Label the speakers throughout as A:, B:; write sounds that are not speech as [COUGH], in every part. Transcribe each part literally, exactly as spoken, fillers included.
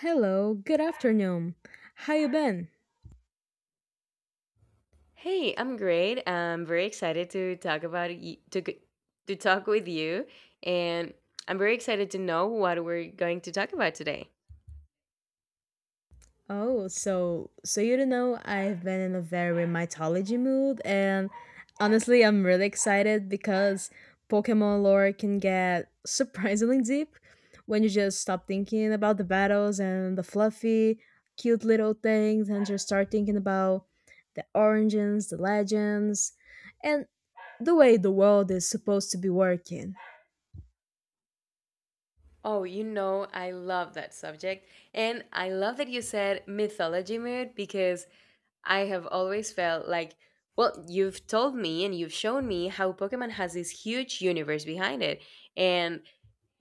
A: Hello, good afternoon. How you been?
B: Hey, I'm great. I'm very excited to talk about y- to g- to talk with you, and I'm very excited to know what we're going to talk about today.
A: Oh, so so you don't know I've been in a very mythology mood and honestly I'm really excited because Pokemon lore can get [LAUGHS] surprisingly deep when you just stop thinking about the battles and the fluffy, cute little things and just start thinking about the origins, the legends, and the way the world is supposed to be working.
B: Oh, you know, I love that subject, and I love that you said mythology mood because I have always felt like, well, you've told me and you've shown me how Pokemon has this huge universe behind it, and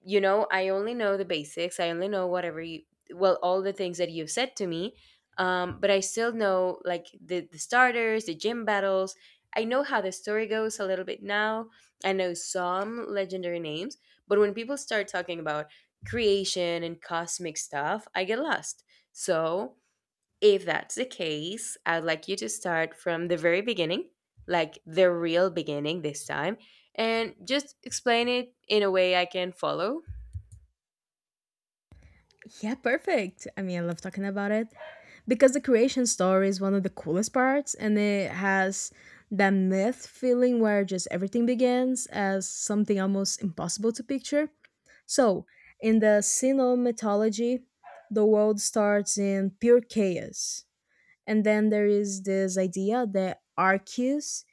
B: you know I only know the basics I only know whatever you well all the things that you've said to me, um, but I still know like the, the starters, the gym battles. I know how the story goes a little bit now. I know some legendary names, but when people start talking about creation and cosmic stuff, I get lost. So if that's the case, I'd like you to start from the very beginning, like the real beginning this time, and just explain it in a way I can follow.
A: Yeah, perfect. I mean, I love talking about it because the creation story is one of the coolest parts, and it has that myth feeling where just everything begins as something almost impossible to picture. So, in the Sino mythology, the world starts in pure chaos. And then there is this idea that arceus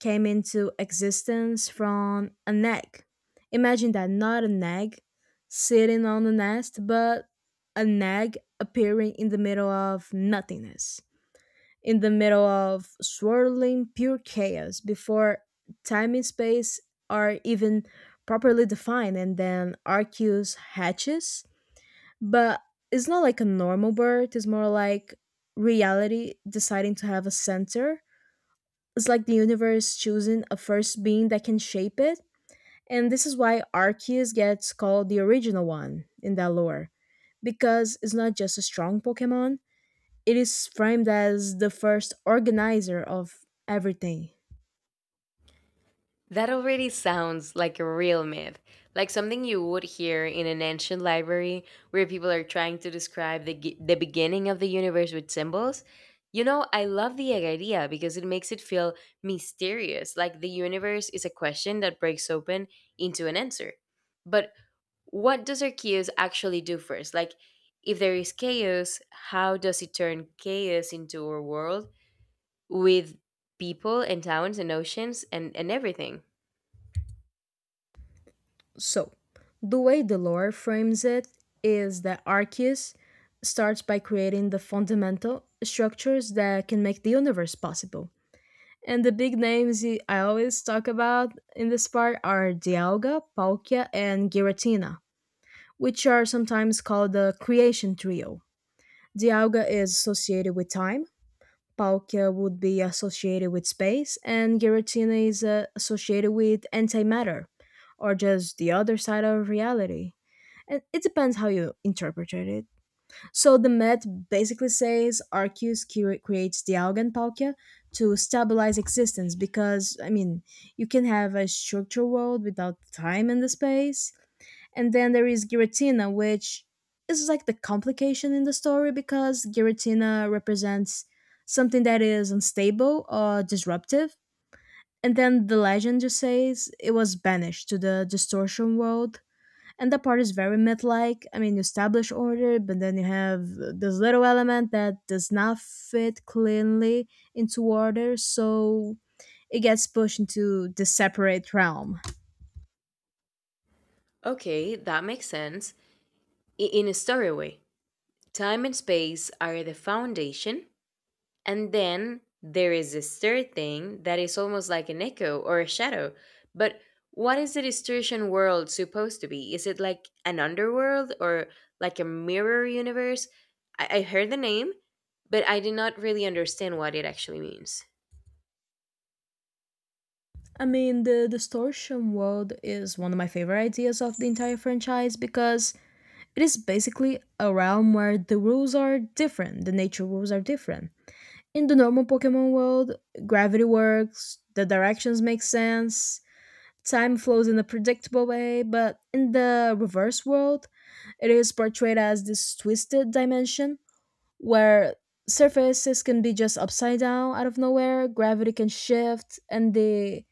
A: came into existence from an egg. Imagine that, not an egg sitting on the nest, but an egg appearing in the middle of nothingness, in the middle of swirling pure chaos before time and space are even properly defined. And then Arceus hatches, but it's not like a normal birth. It's more like reality deciding to have a center. It's like the universe choosing a first being that can shape it. And this is why Arceus gets called the original one in that lore, because it's not just a strong Pokemon, it is framed as the first organizer of everything.
B: That already sounds like a real myth, like something you would hear in an ancient library where people are trying to describe the, gi- the beginning of the universe with symbols. You know, I love the idea because it makes it feel mysterious, like the universe is a question that breaks open into an answer. But what does Arceus actually do first? Like, if there is chaos, how does it turn chaos into a world with people and towns and oceans and, and everything?
A: So, the way the lore frames it is that Arceus starts by creating the fundamental structures that can make the universe possible. And the big names he- I always talk about in this part are Dialga, Palkia, and Giratina, which are sometimes called the creation trio. Dialga is associated with time, Palkia would be associated with space, and Giratina is uh, associated with antimatter, or just the other side of reality. And it depends how you interpret it. So the myth basically says Arceus cre- creates the Algan Palkia to stabilize existence because, I mean, you can have a structured world without time and the space, and then there is Giratina, which is like the complication in the story because Giratina represents something that is unstable or disruptive. And then the legend just says it was banished to the distortion world. And that part is very myth like. I mean, you establish order, but then you have this little element that does not fit cleanly into order. So it gets pushed into the separate realm.
B: Okay, that makes sense. I- In a story way, time and space are the foundation, and then there is this third thing that is almost like an echo or a shadow. But what is the distortion world supposed to be? Is it like an underworld or like a mirror universe? I, I heard the name, but I did not really understand what it actually means.
A: I mean, the distortion world is one of my favorite ideas of the entire franchise because it is basically a realm where the rules are different, the nature rules are different. In the normal Pokemon world, gravity works, the directions make sense, time flows in a predictable way, but in the reverse world, it is portrayed as this twisted dimension where surfaces can be just upside down out of nowhere, gravity can shift, and the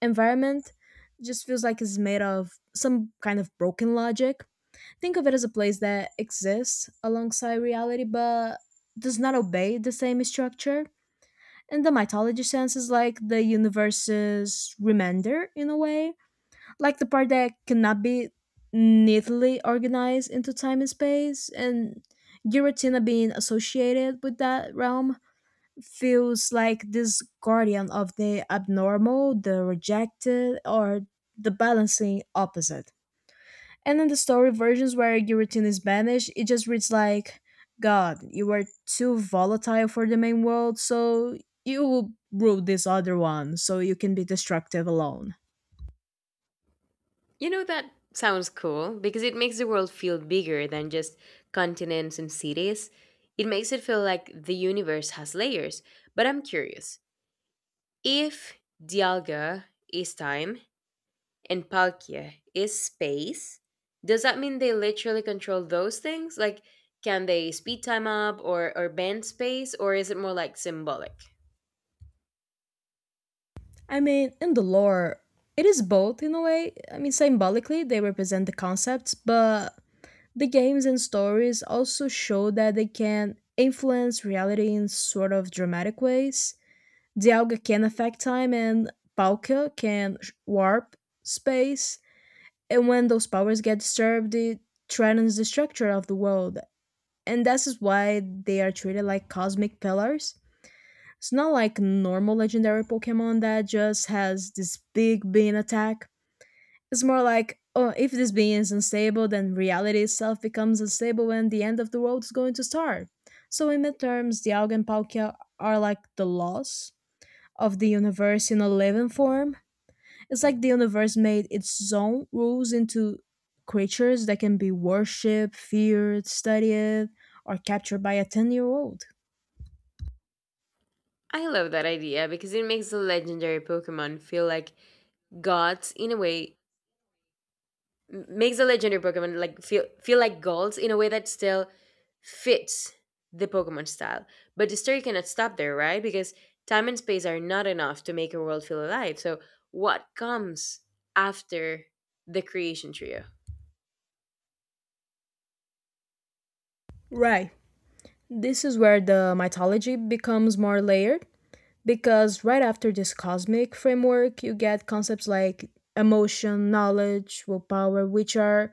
A: environment just feels like it's made of some kind of broken logic. Think of it as a place that exists alongside reality but does not obey the same structure. In the mythology sense, is like the universe's remainder in a way, like the part that cannot be neatly organized into time and space, and giratina being associated with that realm feels like this guardian of the abnormal, the rejected, or the balancing opposite. And in the story versions where giratina is banished, it just reads like, god, you were too volatile for the main world, so you will rule this other one so you can be destructive alone.
B: You know, that sounds cool because it makes the world feel bigger than just continents and cities. It makes it feel like the universe has layers. But I'm curious if Dialga is time and Palkia is space, does that mean they literally control those things? Like, can they speed time up or, or bend space, or is it more like symbolic?
A: I mean, in the lore, it is both in a way. I mean, symbolically, they represent the concepts, but the games and stories also show that they can influence reality in sort of dramatic ways. Dialga can affect time, and Palkia can sh- warp space. And when those powers get disturbed, it threatens the structure of the world. And this is why they are treated like cosmic pillars. It's not like normal legendary Pokemon that just has this big bean attack. It's more like, oh, if this bean is unstable, then reality itself becomes unstable and the end of the world is going to start. So in midterms, Dialga and Palkia are like the loss of the universe in a living form. It's like the universe made its own rules into creatures that can be worshipped, feared, studied, or captured by a ten-year-old year old.
B: I love that idea because it makes the legendary Pokemon feel like gods in a way m- makes the legendary Pokemon like feel feel like golds in a way that still fits the Pokemon style. But the story cannot stop there, right? Because time and space are not enough to make a world feel alive. So what comes after the creation trio?
A: Right. This is where the mythology becomes more layered because right after this cosmic framework, you get concepts like emotion, knowledge, willpower, which are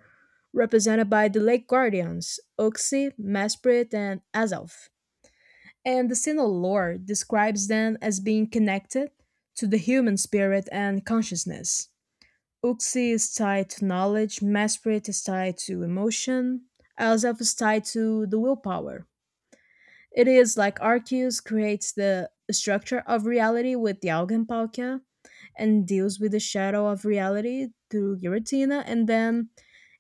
A: represented by the Lake Guardians, Uxie, Mesprit, and Azalf. And the Sinnoh lore describes them as being connected to the human spirit and consciousness. Uxie is tied to knowledge, Mesprit is tied to emotion, Azalf is tied to the willpower. It is like Arceus creates the structure of reality with the Augenpauke and deals with the shadow of reality through Giratina, and then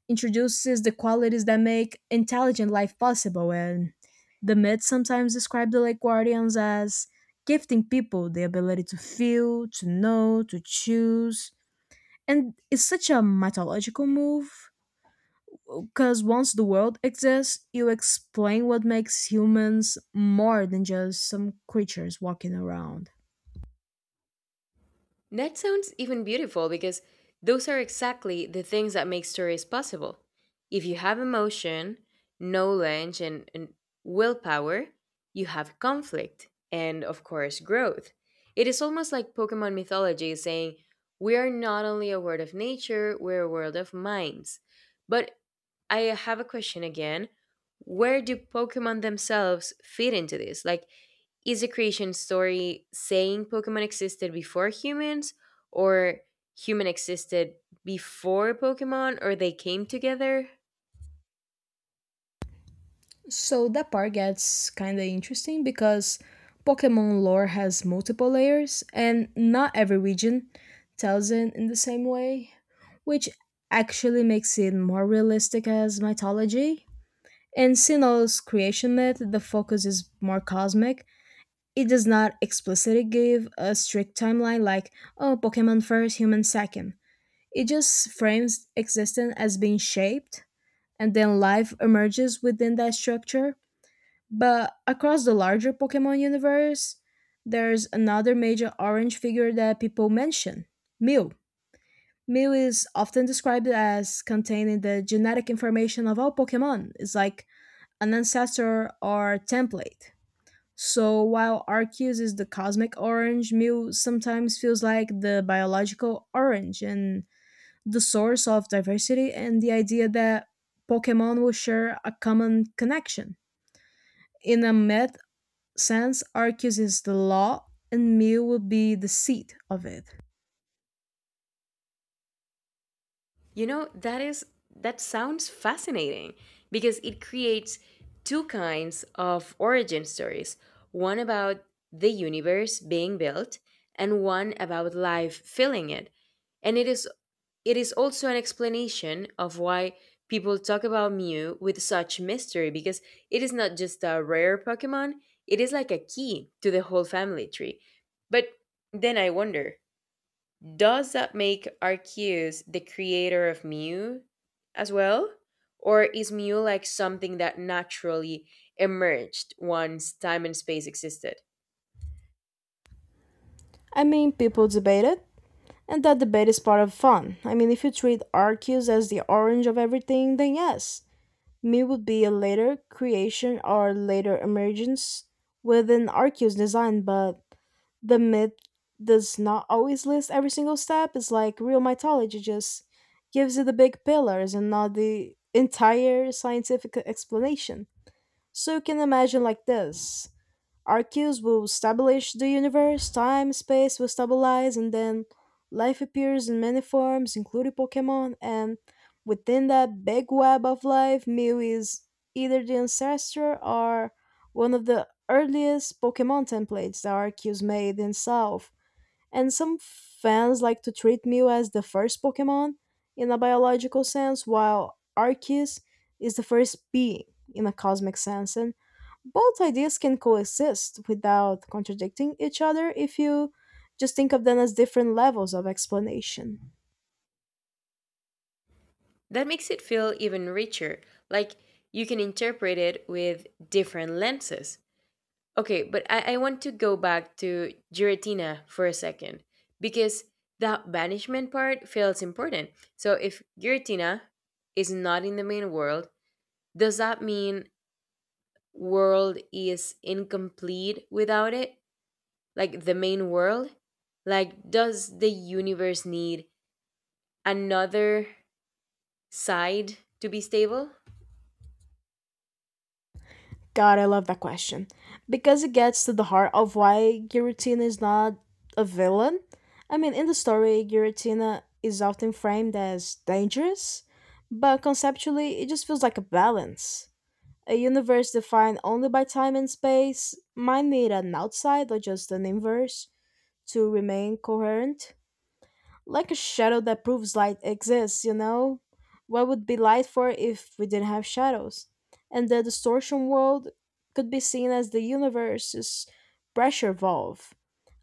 A: introduces the qualities that make intelligent life possible. And the myths sometimes describe the Lake Guardians as gifting people the ability to feel, to know, to choose. And it's such a mythological move because once the world exists, you explain what makes humans more than just some creatures walking around.
B: That sounds even beautiful because those are exactly the things that make stories possible. If you have emotion, knowledge, and, and willpower, you have conflict and, of course, growth. It is almost like Pokemon mythology saying, we are not only a world of nature, we're a world of minds. But I have a question again. Where do Pokemon themselves fit into this? Like, is the creation story saying Pokemon existed before humans, or human existed before Pokemon, or they came together?
A: So that part gets kinda interesting because Pokemon lore has multiple layers and not every region tells it in the same way, which actually makes it more realistic as mythology. In Sinnoh's creation myth, the focus is more cosmic. It does not explicitly give a strict timeline like, oh, Pokemon first, human second. It just frames existence as being shaped, and then life emerges within that structure. But across the larger Pokemon universe, there's another major orange figure that people mention: Mew. Mew is often described as containing the genetic information of all Pokemon. It's like an ancestor or template. So while Arceus is the cosmic orange, Mew sometimes feels like the biological orange and the source of diversity and the idea that Pokemon will share a common connection. In a myth sense, Arceus is the law and Mew will be the seed of it.
B: You know, that is that sounds fascinating because it creates two kinds of origin stories, one about the universe being built and one about life filling it. And it is it is also an explanation of why people talk about Mew with such mystery, because it is not just a rare Pokemon, it is like a key to the whole family tree. But then I wonder, does that make Arceus the creator of Mew as well? Or is Mew like something that naturally emerged once time and space existed?
A: I mean, people debate it, and that debate is part of fun. I mean, if you treat Arceus as the orange of everything, then yes, Me would be a later creation or later emergence within Arceus design, but the myth does not always list every single step. It's like real mythology just gives you the big pillars and not the entire scientific explanation. So you can imagine like this. Arceus will establish the universe, time, space will stabilize, and then life appears in many forms, including Pokemon, and within that big web of life, Mew is either the ancestor or one of the earliest Pokemon templates that Arceus made himself. And some fans like to treat Mew as the first Pokemon in a biological sense, while Arceus is the first being in a cosmic sense. And both ideas can coexist without contradicting each other if you just think of them as different levels of explanation.
B: That makes it feel even richer, like you can interpret it with different lenses. Okay, but I, I want to go back to Giratina for a second because the banishment part feels important. So if Giratina is not in the main world, does that mean world is incomplete without it? Like the main world? Like, does the universe need another side to be stable?
A: God, I love that question because it gets to the heart of why Giratina is not a villain. I mean, in the story, Giratina is often framed as dangerous, but conceptually, it just feels like a balance. A universe defined only by time and space might need an outside or just an inverse to remain coherent, like a shadow that proves light exists, you know? What would be light for if we didn't have shadows? And the distortion world could be seen as the universe's pressure valve,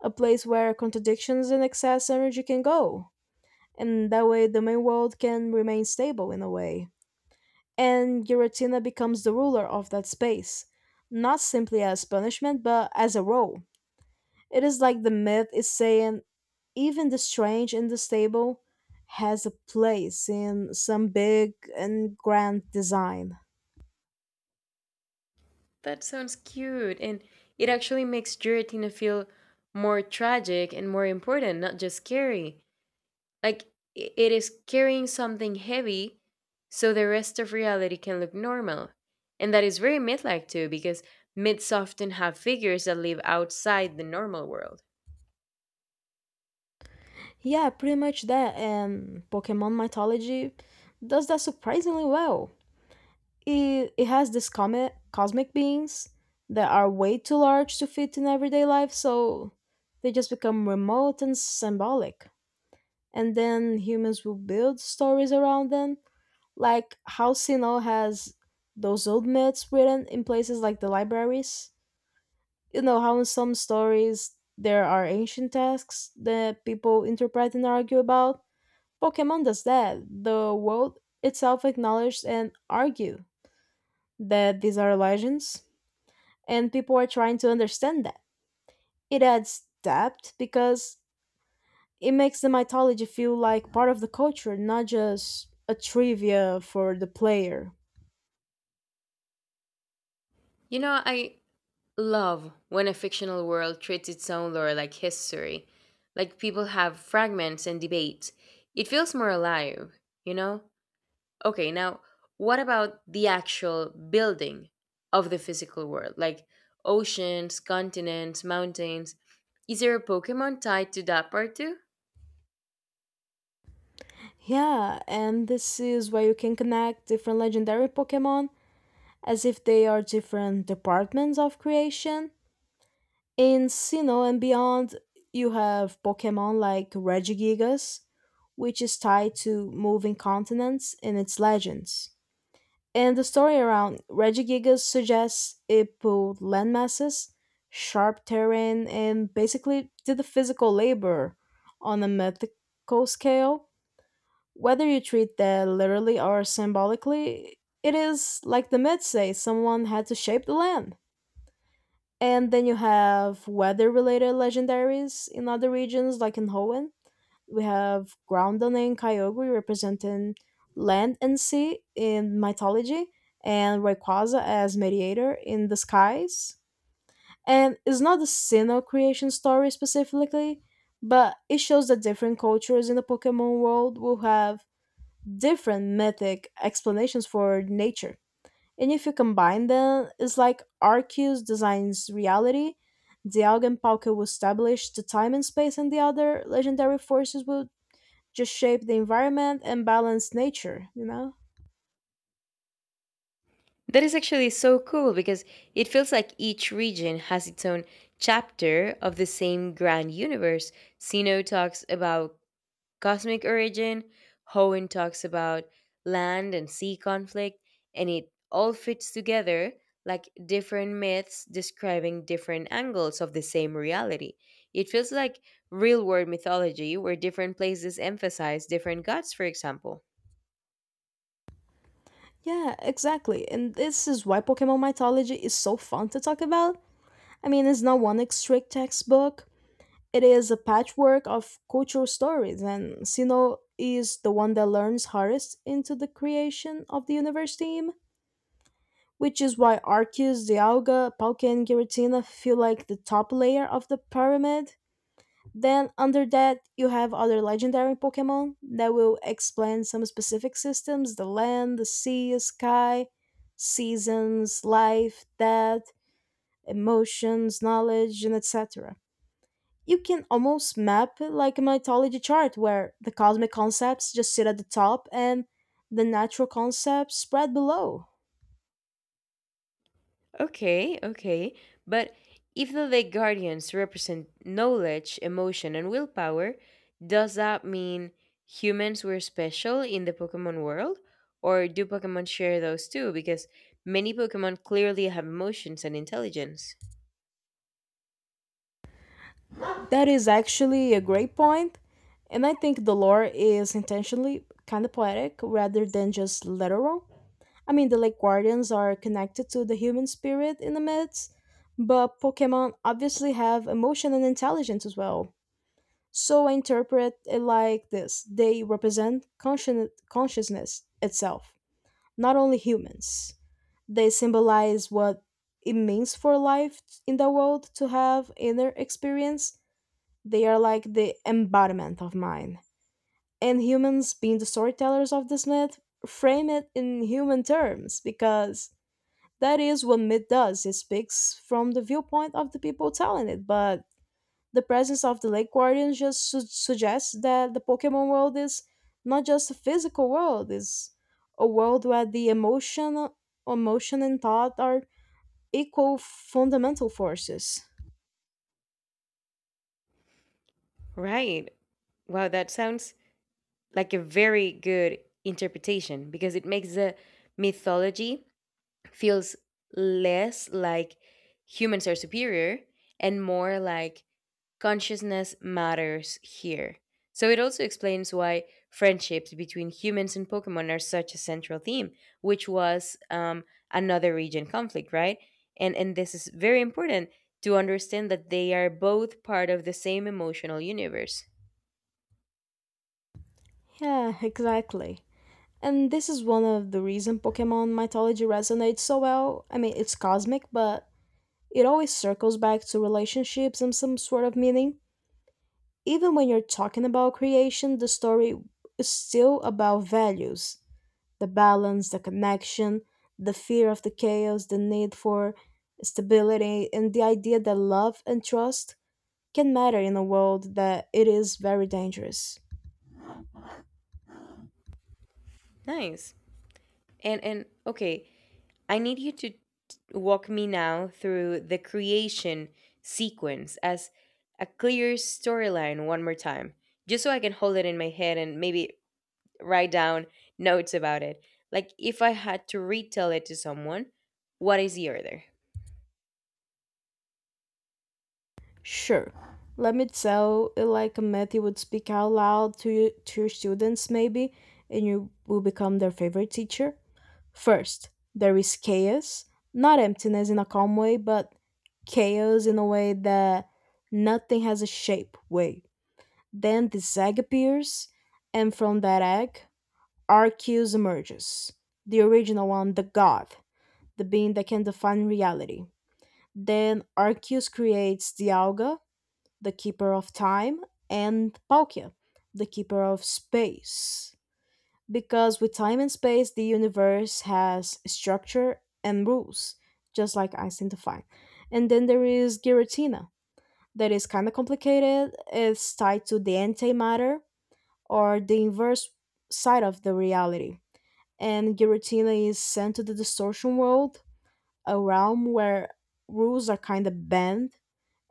A: a place where contradictions and excess energy can go. And that way, the main world can remain stable in a way. And Giratina becomes the ruler of that space, not simply as punishment, but as a role. It is like the myth is saying even the strange and the stable has a place in some big and grand design.
B: That sounds cute, and it actually makes Giratina feel more tragic and more important, not just scary. Like, i- it is carrying something heavy so the rest of reality can look normal. And that is very myth like too, because myths often have figures that live outside the normal world.
A: Yeah, pretty much that. And Pokemon mythology does that surprisingly well. It, it has these comet, cosmic beings that are way too large to fit in everyday life, so they just become remote and symbolic. And then humans will build stories around them, like how Sinnoh has those old myths written in places like the libraries. You know how in some stories there are ancient texts that people interpret and argue about. Pokemon does that. The world itself acknowledges and argue that these are legends, and people are trying to understand that. It adds depth because it makes the mythology feel like part of the culture, not just a trivia for the player.
B: You know, I love when a fictional world treats its own lore like history, like people have fragments and debates. It feels more alive, you know? Okay, now what about the actual building of the physical world? Like oceans, continents, mountains. Is there a Pokemon tied to that part too?
A: Yeah, and this is where you can connect different legendary Pokemon as if they are different departments of creation. In Sinnoh and beyond, you have Pokemon like Regigigas, which is tied to moving continents in its legends. And the story around Regigigas suggests it pulled landmasses, sharp terrain, and basically did the physical labor on a mythical scale. Whether you treat that literally or symbolically, it is, like the myths say, someone had to shape the land. And then you have weather related legendaries in other regions, like in Hoenn. We have Groundon and Kyogre representing land and sea in mythology, and Rayquaza as mediator in the skies. And it's not the single creation story specifically, but it shows that different cultures in the Pokemon world will have different mythic explanations for nature. And if you combine them, it's like Arceus designs reality, the Augenpauke will establish the time and space, and the other legendary forces will just shape the environment and balance nature, you know?
B: That is actually so cool because it feels like each region has its own chapter of the same grand universe. Sino talks about cosmic origin, Hoenn talks about land and sea conflict, and it all fits together like different myths describing different angles of the same reality. It feels like real world mythology where different places emphasize different gods, for example.
A: Yeah, exactly. And this is why Pokemon mythology is so fun to talk about. I mean, it's not one strict textbook. It is a patchwork of cultural stories, and Sino is the one that learns hardest into the creation of the universe team, which is why Arceus, Dialga, Palkia, and Giratina feel like the top layer of the pyramid. Then, under that, you have other legendary Pokemon that will explain some specific systems: the land, the sea, sky, seasons, life, death, emotions, knowledge, and etc. You can almost map it like a mythology chart where the cosmic concepts just sit at the top and the natural concepts spread below.
B: Okay, okay. But if the lake guardians represent knowledge, emotion, and willpower, does that mean humans were special in the Pokemon world? Or do Pokemon share those too? Because many Pokemon clearly have emotions and intelligence.
A: That is actually a great point, and I think the lore is intentionally kind of poetic rather than just literal. I mean, the Lake Guardians are connected to the human spirit in the myths, but Pokemon obviously have emotion and intelligence as well. So I interpret it like this: they represent conscien- consciousness itself. Not only humans. They symbolize what it means for life in the world to have inner experience. They are like the embodiment of mine. And humans, being the storytellers of this myth, frame it in human terms because that is what myth does. It speaks from the viewpoint of the people telling it, but the presence of the lake guardians just su- suggests that the pokemon world is not just a physical world, it's a world where the emotion emotion and thought are equal fundamental forces.
B: Right. Wow, that sounds like a very good interpretation because it makes the mythology feels less like humans are superior and more like consciousness matters here. So it also explains why friendships between humans and Pokemon are such a central theme, which was, um, another region conflict, right? And and this is very important to understand that they are both part of the same emotional universe.
A: Yeah, exactly. And this is one of the reason pokemon mythology resonates so well. I mean, it's cosmic, but it always circles back to relationships and some sort of meaning. Even when you're talking about creation, the story is still about values: the balance, the connection, the fear of the chaos, the need for stability, and the idea that love and trust can matter in a world that it is very dangerous.
B: Nice. And and okay, I need you to t- walk me now through the creation sequence as a clear storyline one more time, just so I can hold it in my head and maybe write down notes about it. Like if I had to retell it to someone, what is the order?
A: Sure, let me tell it like a myth you would speak out loud to you, to your students maybe, and you will become their favorite teacher. First, there is chaos, not emptiness in a calm way, but chaos in a way that nothing has a shape way. Then this egg appears, and from that egg, Arceus emerges. The original one, the god, the being that can define reality. Then Arceus creates the Alga, the keeper of time, and Palkia, the keeper of space. Because with time and space, the universe has structure and rules, just like Einstein defined. And then there is Giratina, that is kind of complicated. It's tied to the antimatter, or the inverse side of the reality. And Giratina is sent to the distortion world, a realm where rules are kind of bent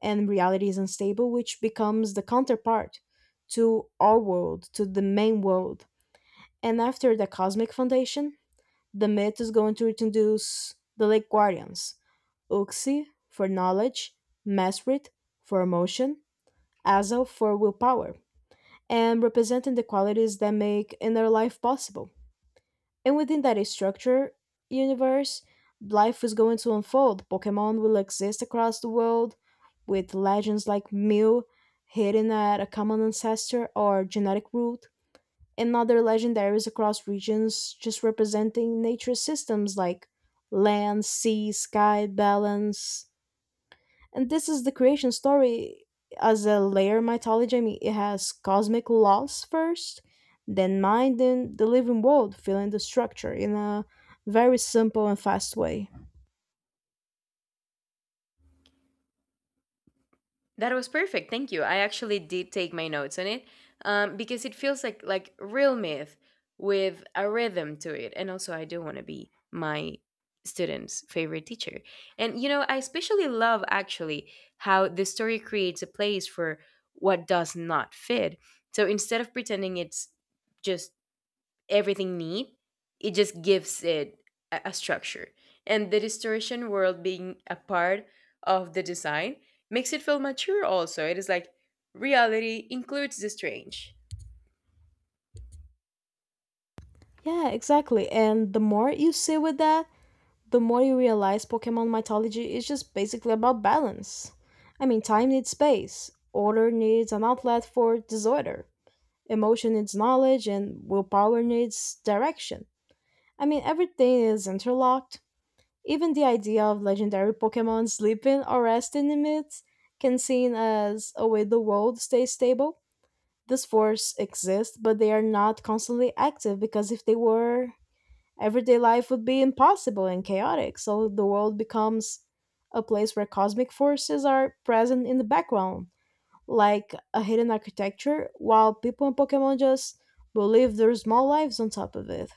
A: and reality is unstable, which becomes the counterpart to our world, to the main world. And after the Cosmic Foundation, the myth is going to introduce the Lake Guardians, Uxie for knowledge, Mesrit for emotion, Azel for willpower, and representing the qualities that make inner life possible. And within that structure universe, life is going to unfold. Pokemon will exist across the world with legends like Mew hidden at a common ancestor or genetic root, and other legendaries across regions just representing nature systems like land, sea, sky, balance. And this is the creation story as a layer mythology. I mean, it has cosmic laws first, then mind, then the living world filling the structure in a very simple and fast way.
B: That was perfect. Thank you. I actually did take my notes on it, um, because it feels like like real myth with a rhythm to it. And also, I do want to be my students' favorite teacher. And you know, I especially love actually how the story creates a place for what does not fit. So instead of pretending it's just everything neat, it just gives it a, a structure. And the distortion world being a part of the design makes it feel mature also. It is like reality includes the strange.
A: Yeah, exactly. And the more you see with that, the more you realize Pokemon mythology is just basically about balance. I mean, time needs space, order needs an outlet for disorder, emotion needs knowledge, and willpower needs direction. I mean, everything is interlocked. Even the idea of legendary Pokemon sleeping or resting in myths can seem as a way the world stays stable. This force exists, but they are not constantly active because if they were, everyday life would be impossible and chaotic. So the world becomes a place where cosmic forces are present in the background, like a hidden architecture, while people and Pokemon just will live their small lives on top of it.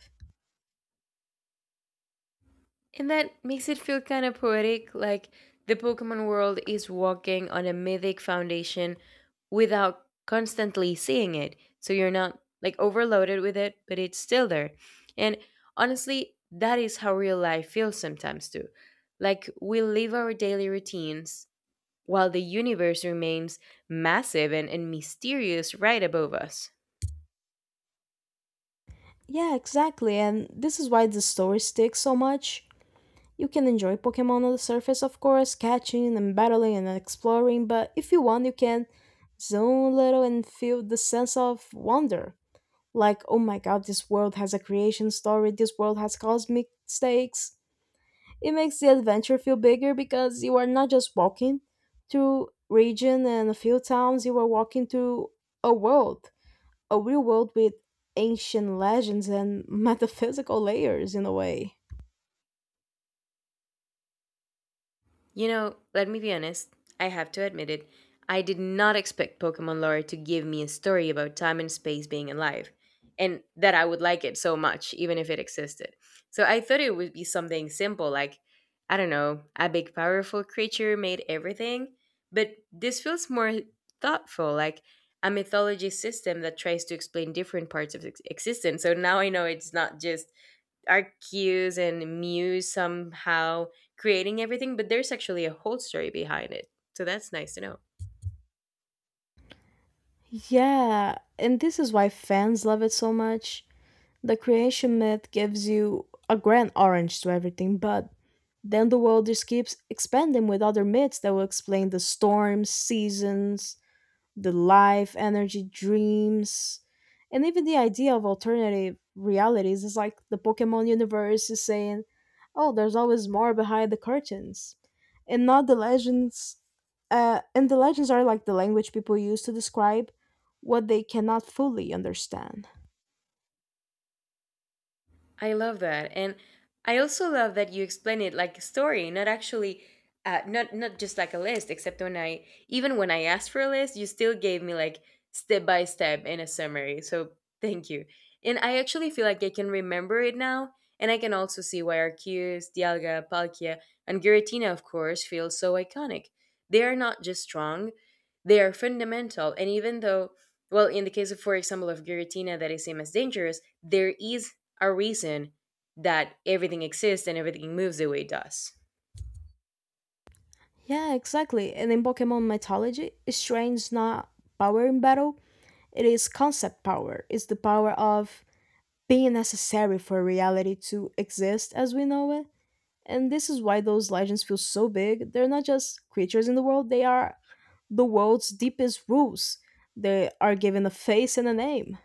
B: And that makes it feel kind of poetic, like the Pokemon world is walking on a mythic foundation without constantly seeing it. So you're not like overloaded with it, but it's still there. And honestly, that is how real life feels sometimes too. Like we live our daily routines while the universe remains massive and, and mysterious right above us.
A: Yeah, exactly. And this is why the story sticks so much. You can enjoy Pokemon on the surface, of course, catching and battling and exploring, but if you want, you can zone a little and feel the sense of wonder. Like, oh my god, this world has a creation story, this world has cosmic stakes. It makes the adventure feel bigger because you are not just walking through region and a few towns, you are walking through a world, a real world with ancient legends and [LAUGHS] metaphysical layers in a way.
B: You know, let me be honest, I have to admit it. I did not expect Pokemon lore to give me a story about time and space being alive, and that I would like it so much, even if it existed. So I thought it would be something simple, like, I don't know, a big powerful creature made everything. But this feels more thoughtful, like a mythology system that tries to explain different parts of ex- existence. So now I know it's not just our cues and muse somehow creating everything, but there's actually a whole story behind it. So that's nice to know.
A: Yeah, and this is why fans love it so much. The creation myth gives you a grand orange to everything, but then the world just keeps expanding with other myths that will explain the storms, seasons, the life, energy, dreams, and even the idea of alternative realities is like the Pokemon universe is saying, oh, there's always more behind the curtains. And not the legends. Uh, and the legends are like the language people use to describe what they cannot fully understand.
B: I love that, and I also love that you explain it like a story, not actually, uh, not not just like a list. Except when I, even when I asked for a list, you still gave me like step by step and a summary. So thank you, and I actually feel like I can remember it now, and I can also see why Arceus, Dialga, Palkia, and Giratina, of course, feel so iconic. They are not just strong; they are fundamental. And even though, well, in the case of, for example, of Giratina, that is seen as dangerous, there is our reason that everything exists and everything moves the way it does.
A: Yeah, exactly. And in Pokemon mythology, strength's not power in battle, it is concept power. It's the power of being necessary for reality to exist as we know it. And this is why those legends feel so big. They're not just creatures in the world, they are the world's deepest roots. They are given a face and a name.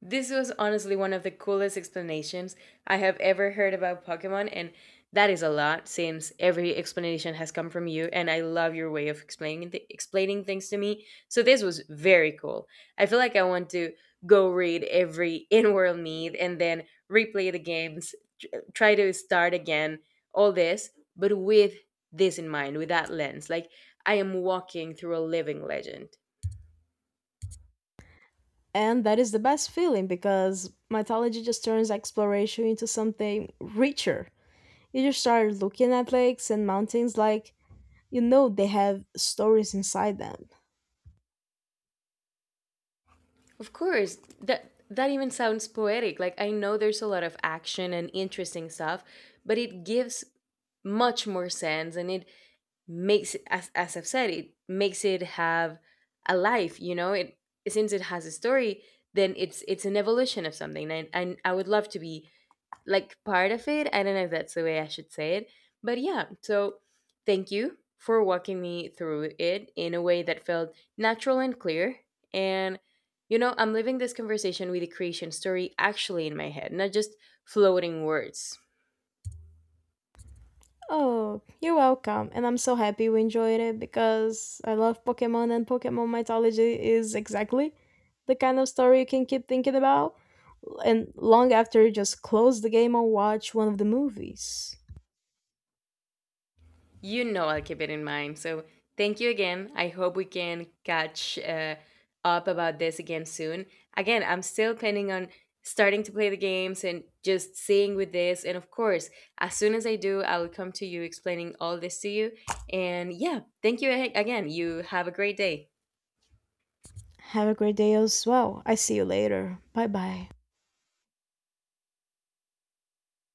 B: This was honestly one of the coolest explanations I have ever heard about Pokemon, and that is a lot since every explanation has come from you, and I love your way of explaining th- explaining things to me. So this was very cool. I feel like I want to go read every [LAUGHS] in-world meet and then replay the games, tr- try to start again, all this, but with this in mind, with that lens. Like I am walking through a living legend.
A: And that is the best feeling because mythology just turns exploration into something richer. You just start looking at lakes and mountains like you know they have stories inside them.
B: Of course, that that even sounds poetic. Like I know there's a lot of action and interesting stuff, but it gives much more sense and it makes as as I've said, it makes it have a life, you know? It, since it has a story, then it's it's an evolution of something. And and I would love to be like part of it. I don't know if that's the way I should say it. But yeah, so thank you for walking me through it in a way that felt natural and clear. And, you know, I'm living this conversation with the creation story actually in my head, not just floating words.
A: Oh, you're welcome. And I'm so happy you enjoyed it because I love Pokemon and Pokemon mythology is exactly the kind of story you can keep thinking about and long after you just close the game or watch one of the movies.
B: You know, I'll keep it in mind. So thank you again. I hope we can catch uh, up about this again soon. Again, I'm still planning on starting to play the games and just seeing with this. And of course, as soon as I do, I will come to you explaining all this to you. And yeah, thank you a- again. You have a great day.
A: Have a great day as well. I see you later. Bye bye.